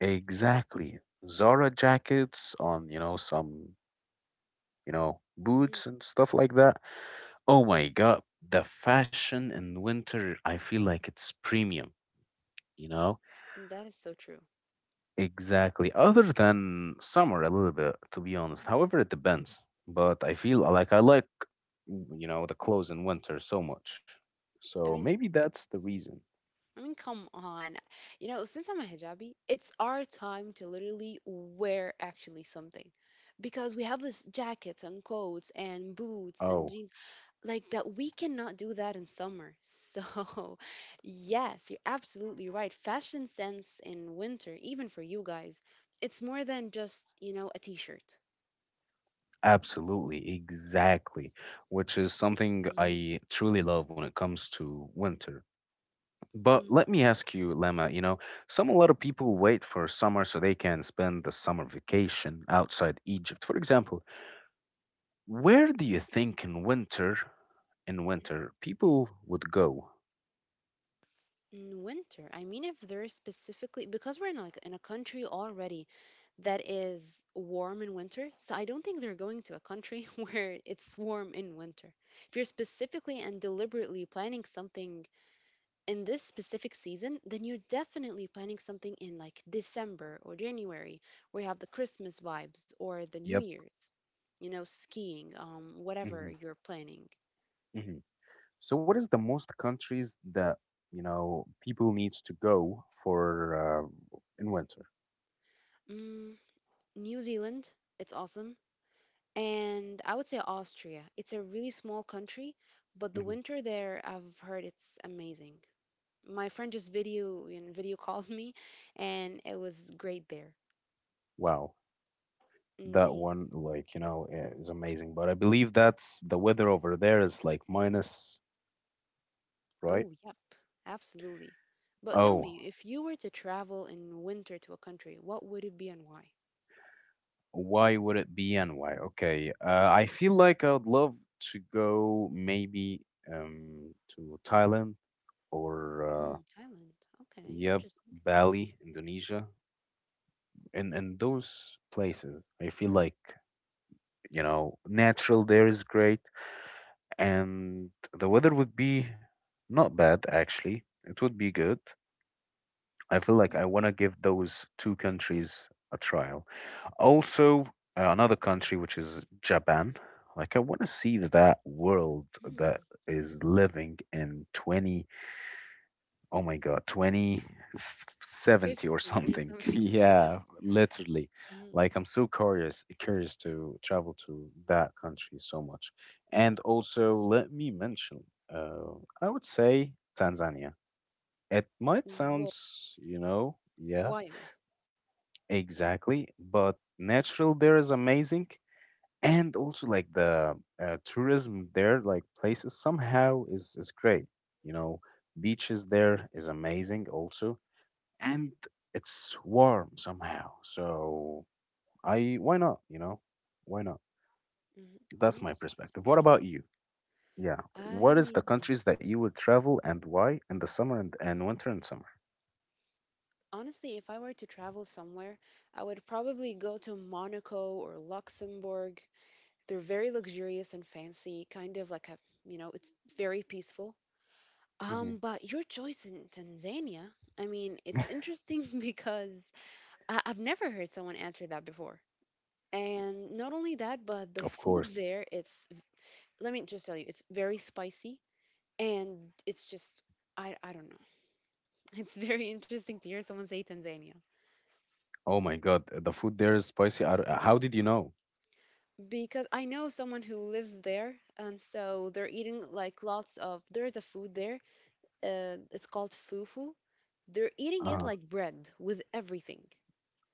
A: exactly. Zara jackets on, you know, some, you know,
B: Mm,
A: boots and stuff like that. Oh my God. The fashion in winter, I feel like it's premium, you know?
B: that is so true.
A: Exactly. Other than summer a little bit, to be honest. However, it depends. But I feel like I like you know the clothes in winter so much.
B: I
A: So
B: mean,
A: maybe that's the reason.
B: I mean, come on. You know, since I'm a hijabi, it's our time to literally wear actually something, because we have this jackets and coats and boots and
A: Oh,
B: jeans like that. We cannot do that in summer. So, yes, you're absolutely right. Fashion sense in winter, even for you guys, it's more than just you know a t-shirt.
A: absolutely, exactly. Which is something I truly love when it comes to winter. But let me ask you, Lema, you know, some a lot of people wait for summer so they can spend the summer vacation outside Egypt, for example. Where do you think in winter, people would go?
B: In winter, I mean if there's specifically because we're in like in a country already that is warm in winter, so I don't think they're going to a country where it's warm in winter. If you're specifically and deliberately planning something in this specific season, then you're definitely planning something in like December or January where you have the Christmas vibes or the New
A: Yep.
B: Year's, you know, skiing, whatever
A: hmm
B: you're planning.
A: hmm So, what is the most countries that you know people needs to go for in winter?
B: Mm, New Zealand, it's awesome. And I would say Austria. It's a really small country, but the
A: Hmm
B: winter there, I've heard it's amazing. My friend just video called me, and it was great there.
A: Wow, that
B: Indeed.
A: one like you know is amazing. But I believe that's the weather over there is like minus, right?
B: Oh, yep, absolutely. But tell
A: Oh,
B: me, if you were to travel in winter to a country, what would it be and why?
A: why would it be and why? Okay, I feel like I would love to go maybe to Thailand or
B: Mm, Thailand. Okay,
A: yep,
B: interesting.
A: Bali, Indonesia, and those places, I feel like, you know, natural there is great, and the weather would be not bad actually. It would be good. I feel like I want to give those two countries a trial. Also, another country which is Japan. Like I want to see that world that
B: Mm,
A: is living in 20. Oh my God, 2070 or
B: 50 or
A: something.
B: something.
A: Yeah, literally.
B: Yes. Mm.
A: Like I'm so curious to travel to that country so much. And also let me mention, uh, I would say Tanzania. It might
B: Whoa,
A: sound, you know, yeah,
B: wild.
A: exactly, but natural there is amazing. And also like the tourism there, like places somehow is great. You know, beaches there is amazing also and it's warm somehow. So I why not, you know? Why not?
B: Mm,
A: That's my
B: honestly, that's
A: perspective. What
B: interesting.
A: about you? Yeah.
B: I
A: What is the
B: mean,
A: countries that you would travel and why in the summer and, winter and summer?
B: Honestly, if I were to travel somewhere, I would probably go to Monaco or Luxembourg. They're very luxurious and fancy, kind of like a, it's very peaceful.
A: Hmm
B: But your choice in Tanzania, I mean, it's interesting because I've never heard someone answer that before. And not only that, but the
A: Of
B: food
A: course.
B: there, let me just tell you, it's very spicy and it's just, I don't know. It's very interesting to hear someone say Tanzania.
A: Oh my God, the food there is spicy. I don't- How did you know?
B: Because I know someone who lives there, and so they're eating like lots of. There is a food there. It's called fufu. They're eating it
A: Uh
B: like bread with everything.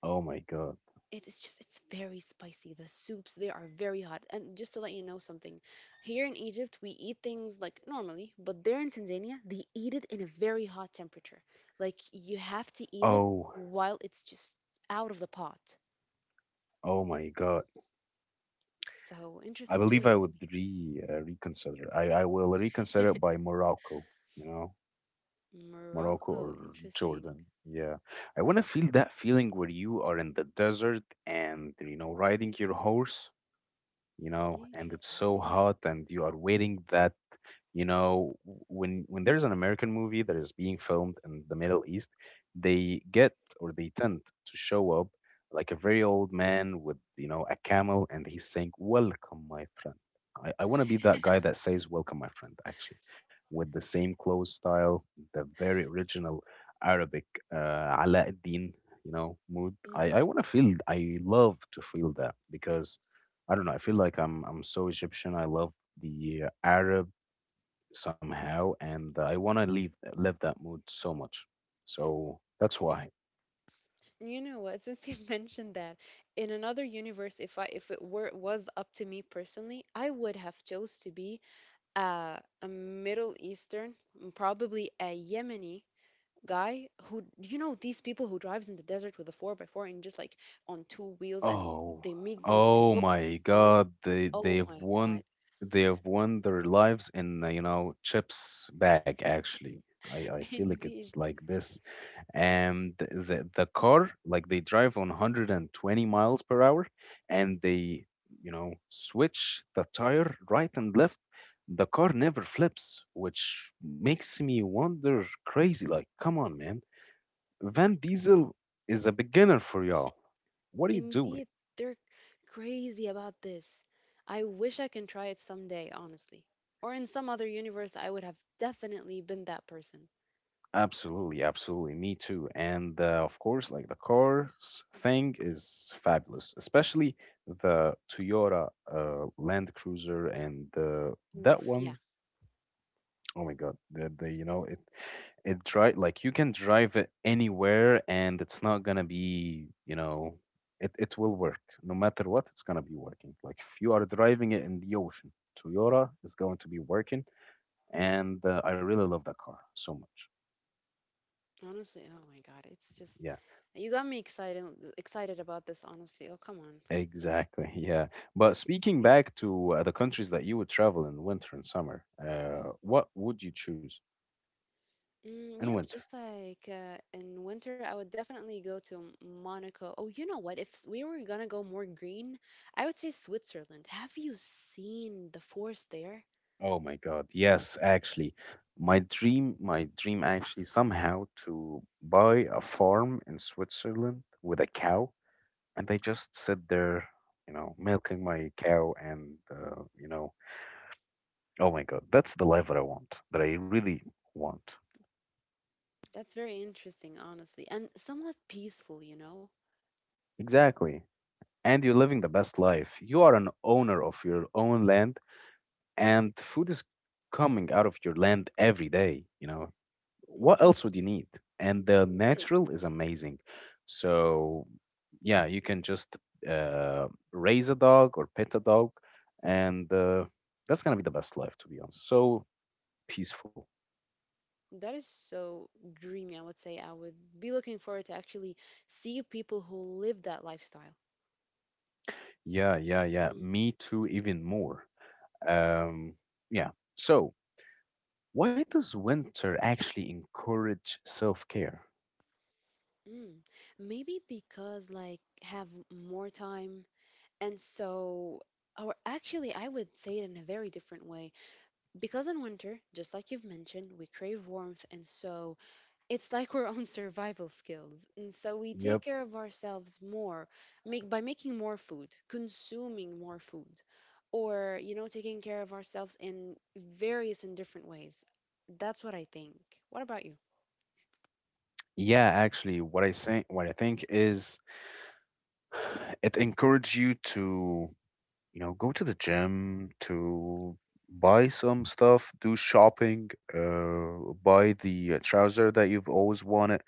A: Oh my God.
B: It is just it's very spicy. The soups they are very hot. And just to let you know something, here in Egypt we eat things like normally, but there in Tanzania they eat it in a very hot temperature. Like you have to eat it
A: Oh,
B: while it's just out of the pot.
A: oh my God.
B: So
A: I
B: interesting
A: believe
B: choice,
A: I would
B: really.
A: re reconsider. I will reconsider it by Morocco, you know. Morocco
B: Morocco,
A: or
B: interesting.
A: Jordan. Yeah. I want to feel that feeling where you are in the desert and, you know, riding your horse, you know, and it's
B: Interesting.
A: so
B: Hmm.
A: hot and you are waiting that, you know, when there's an American movie that is being filmed in the Middle East, they get or they tend to show up like a very old man with, you know, a camel and he's saying, Welcome, my friend. I want to be that guy that says, Welcome, my friend, actually, with the same clothes style, the very original Arabic Ala ad-Din, you know, mood. I
B: Hmm.
A: want to feel, I love to feel that because I don't know. I feel like I'm so Egyptian. I love the Arab somehow, and I want to leave live that mood so much. So that's why.
B: You know what? Since you mentioned that, in another universe, if I if it were was up to me personally, I would have chose to be a Middle Eastern, probably a Yemeni guy who you know these people who drives in the desert with a 4x4 and just like on two wheels and
A: Oh,
B: they make these they
A: oh
B: roll
A: my
B: sand.
A: God!
B: Oh my God!
A: They have won their lives in you know Chip's bag. Actually, I feel like
B: Indeed,
A: it's like this, and the car like they drive on 120 miles per hour, and they you know switch the tire right and left. The car never flips, which makes me wonder crazy. Like, come on, man! Van Diesel is a beginner for y'all. What are you doing?
B: indeed, they're crazy about this. I wish I can try it someday, honestly. Or in some other universe, I would have definitely been that person.
A: Absolutely, absolutely. Me too. And of course, like the cars thing is fabulous, especially the Toyota Land Cruiser and that
B: Oof, yeah.
A: one. Oh my God, the you know it drive like you can drive it anywhere and it's not gonna be you know it will work no matter what it's gonna be working. Like if you are driving it in the ocean, Toyota is going to be working, and I really love that car so much.
B: Honestly, oh my god, it's just
A: Yeah.
B: you got me excited about this, honestly. Oh, come on.
A: Exactly. Yeah. But speaking
B: Indeed.
A: back to the countries that you would travel in winter and summer, what would you choose
B: Mm,
A: in
B: yep,
A: winter?
B: just like in winter, I would definitely go to Monaco. Oh, you know what? If we were gonna go more green, I would say Switzerland. Have you seen the forest there?
A: Oh my God. Yes, actually. My dream actually somehow to buy a farm in Switzerland with a cow and they just sit there, you know, milking my cow and, you know, oh my God, that's the life that I want, that I really want.
B: That's very interesting, honestly, and somewhat peaceful, you know?
A: Exactly. And you're living the best life. You are an owner of your own land and food is coming out of your land every day, you know, what
B: Indeed,
A: else would you need? And the
B: literally.
A: natural is amazing, so yeah, you can just raise a dog or pet a dog, and that's gonna be the best life, to be honest. So peaceful.
B: That is so dreamy, I would say. I would be looking forward to actually see people who live that lifestyle.
A: Yeah, yeah, yeah,
B: Mm.
A: me too, even more. um yeah, so why does winter actually encourage self-care?
B: Mm. Maybe because, like, have more time, and so, or actually, I would say it in a very different way. Because in winter, just like you've mentioned, we crave warmth, and so it's like our own survival skills. And so we take
A: Yep.
B: care of ourselves more make, by making more food, consuming more food, or, you know, taking care of ourselves in various and different ways. That's what I think. What about you?
A: Yeah, actually, what I think is it encourages you to, you know, go to the gym, to buy some stuff, do shopping, buy the trouser that you've always wanted.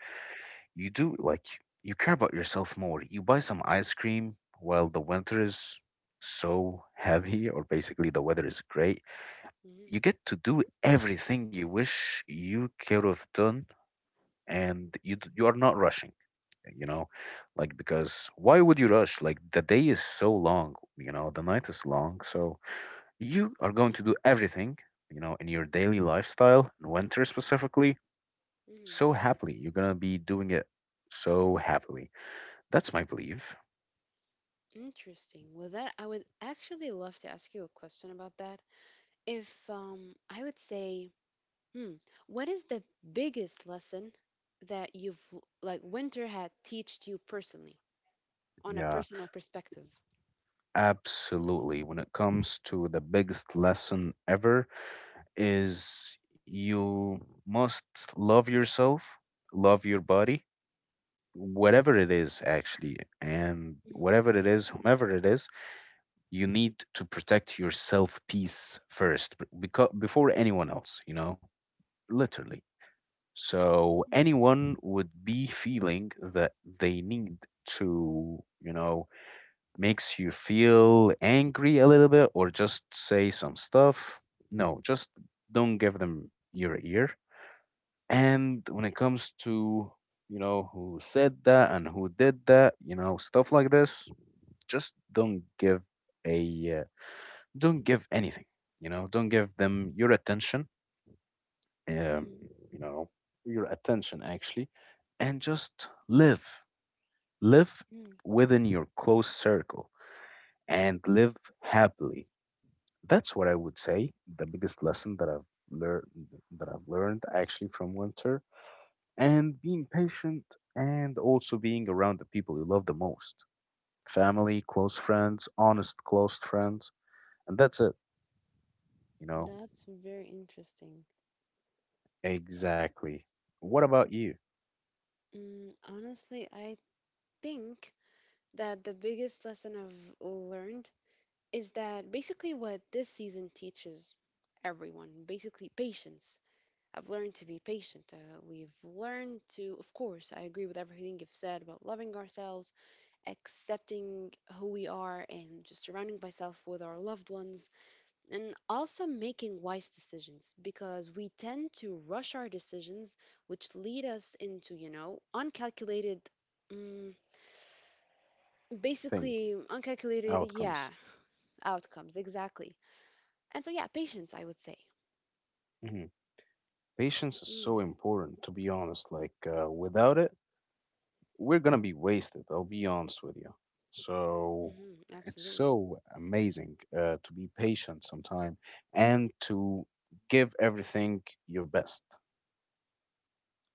A: You do like you care about yourself more. You buy some ice cream while the winter is so heavy, or basically the weather is great.
B: Hmm.
A: You get to do everything you wish you could have done, and you are not rushing, you know, like, because why would you rush? Like, the day is so long, you know, the night is long, so you are going to do everything, you know, in your daily lifestyle in winter specifically,
B: Hmm.
A: so happily you're going to be doing it, so happily. That's my belief.
B: Interesting. With that, I would actually love to ask you a question about that. If I would say, hmm, what is the biggest lesson that you've, winter had taught you personally on a
A: Yeah.
B: personal perspective?
A: Absolutely. When it comes to the biggest lesson ever is you must love yourself, love your body, whatever it is actually, and
B: Mm,
A: whatever it is, whomever it is, you need to protect your self-peace first because before anyone else, you know, literally. So anyone would be feeling that they need to, you know, makes you feel angry a little bit or just say some stuff, no, just don't give them your ear. And when it comes to, you know, who said that and who did that, you know, stuff like this, just don't give a, don't give anything, you know, don't give them your attention, um,
B: mm,
A: you know, your attention actually, and just live, live
B: mm.
A: within your close circle and live happily. That's what I would say. The biggest lesson learned that I've learned actually from winter, and being patient, and also being around the people you love the most. Family, close friends, honest close friends, and that's it, you know.
B: That's very interesting.
A: Exactly. What about you?
B: Mm, honestly, I think that the biggest lesson I've learned is that basically what this season teaches everyone, basically patience. I've learned to be patient. We've learned to, of course, I agree with everything you've said about loving ourselves, accepting who we are, and just surrounding myself with our loved ones and also making wise decisions because we tend to rush our decisions which lead us into you know uncalculated mm, basically
A: Things,
B: uncalculated, yeah,
A: outcomes.
B: outcomes, exactly. And so yeah, patience I would say.
A: Mhm. Patience is
B: Mm,
A: so important, to be honest. Like, without it, we're gonna be wasted. I'll be honest with you. So
B: hmm,
A: it's
B: absolutely.
A: so amazing to be patient sometime and to give everything your best.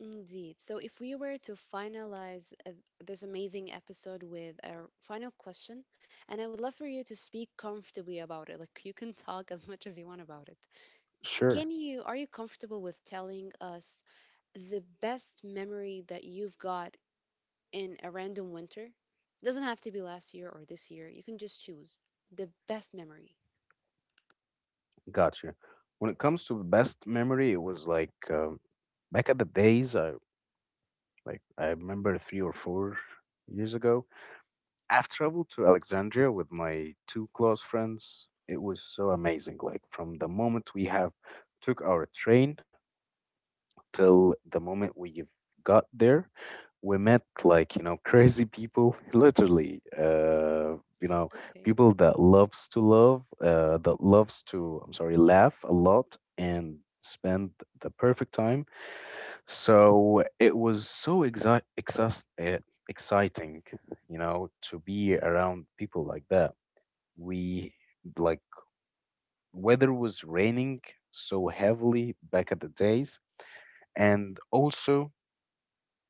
B: Indeed, so if we were to finalize this amazing episode with a final question, and I would love for you to speak comfortably about it like you can talk as much as you want about it. Can
A: Sure,
B: you Are you comfortable with telling us the best memory that you've got in a random winter? Doesn't have to be last year or this year. You can just choose the best memory.
A: got you. When it comes to the best memory, it was like back at the days. I like I remember 3 or 4 years ago. I've traveled to Alexandria with my two close friends. It was so amazing. Like from the moment we have took our train till the moment we've got there, we met like, you know, crazy people, literally. You know,
B: Okay.
A: people that loves to love, that loves to, I'm sorry, laugh a lot and spend the perfect time, so it was so exciting, you know, to be around people like that. We like weather was raining so heavily back at the days, and also,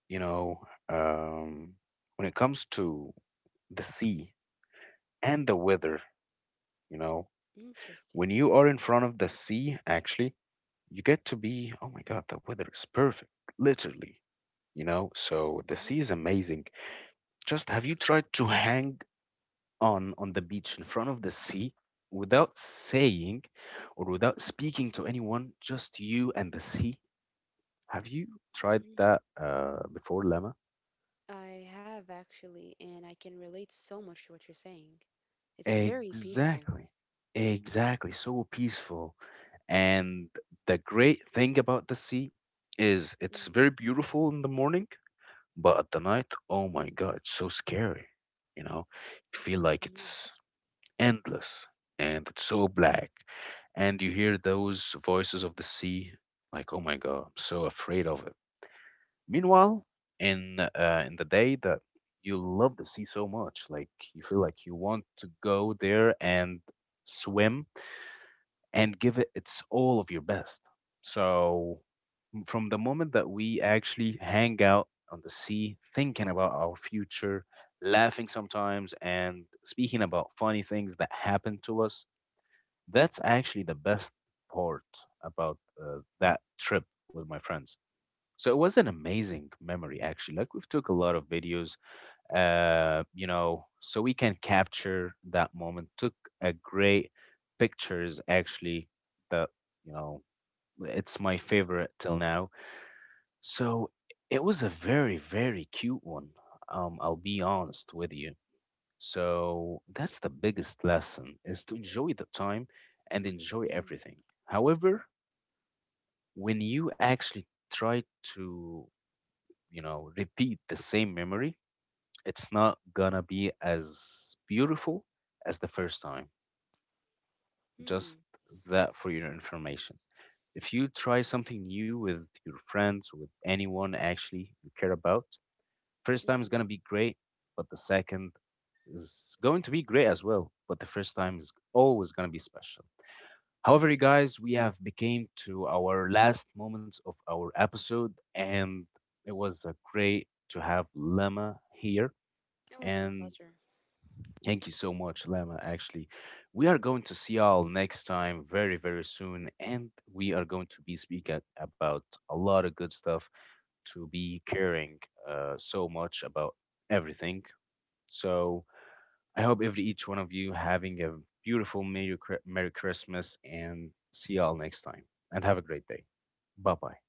A: you know, um, when it comes to the sea and the weather, you know,
B: Interesting.
A: when you are in front of the sea, actually, you get to be, oh my God, the weather is perfect, literally, you know, so the
B: Hmm.
A: sea is amazing. Just have you tried to hang on the beach in front of the sea without saying or without speaking to anyone, just you and the sea? Have you tried
B: Hmm.
A: that before, Lama?
B: I have actually, and I can relate so much to what you're saying. It's very peaceful.
A: Exactly. Exactly. So peaceful. And the great thing about the sea is
B: Mm-hmm.
A: it's very beautiful in the morning, but at the night, oh my God, it's so scary. You know, you feel like
B: Mm-hmm.
A: it's endless and it's so black. And you hear those voices of the sea, like, oh my God, I'm so afraid of it. Meanwhile, in the day that you love the sea so much, like you feel like you want to go there and swim and give it its all of your best. So from the moment that we actually hang out on the sea, thinking about our future, laughing sometimes, and speaking about funny things that happened to us, that's actually the best part about that trip with my friends. So it was an amazing memory, actually. Like we've took a lot of videos, you know, so we can capture that moment. Took a great pictures, actually. That, you know, it's my favorite till now. So it was a very, very cute one. I'll be honest with you. So that's the biggest lesson is to enjoy the time and enjoy everything. However, when you actually try to, you know, repeat the same memory, it's not gonna be as beautiful as the first time.
B: Mm-hmm.
A: Just that for your information. If you try something new with your friends, with anyone actually you care about, first time is
B: Mm-hmm.
A: gonna be great, but the second is going to be great as well. But the first time is always gonna be special. However, you guys, we have became to our last moments of our episode, and it was great to have Lema here.
B: It was my
A: And
B: pleasure.
A: thank you so much, Lema. Actually, we are going to see y'all next time, very very soon, and we are going to be speaking about a lot of good stuff to be caring so much about everything. So I hope every each one of you having a beautiful Merry, Merry Christmas, and see y'all next time. And have a great day. Bye bye.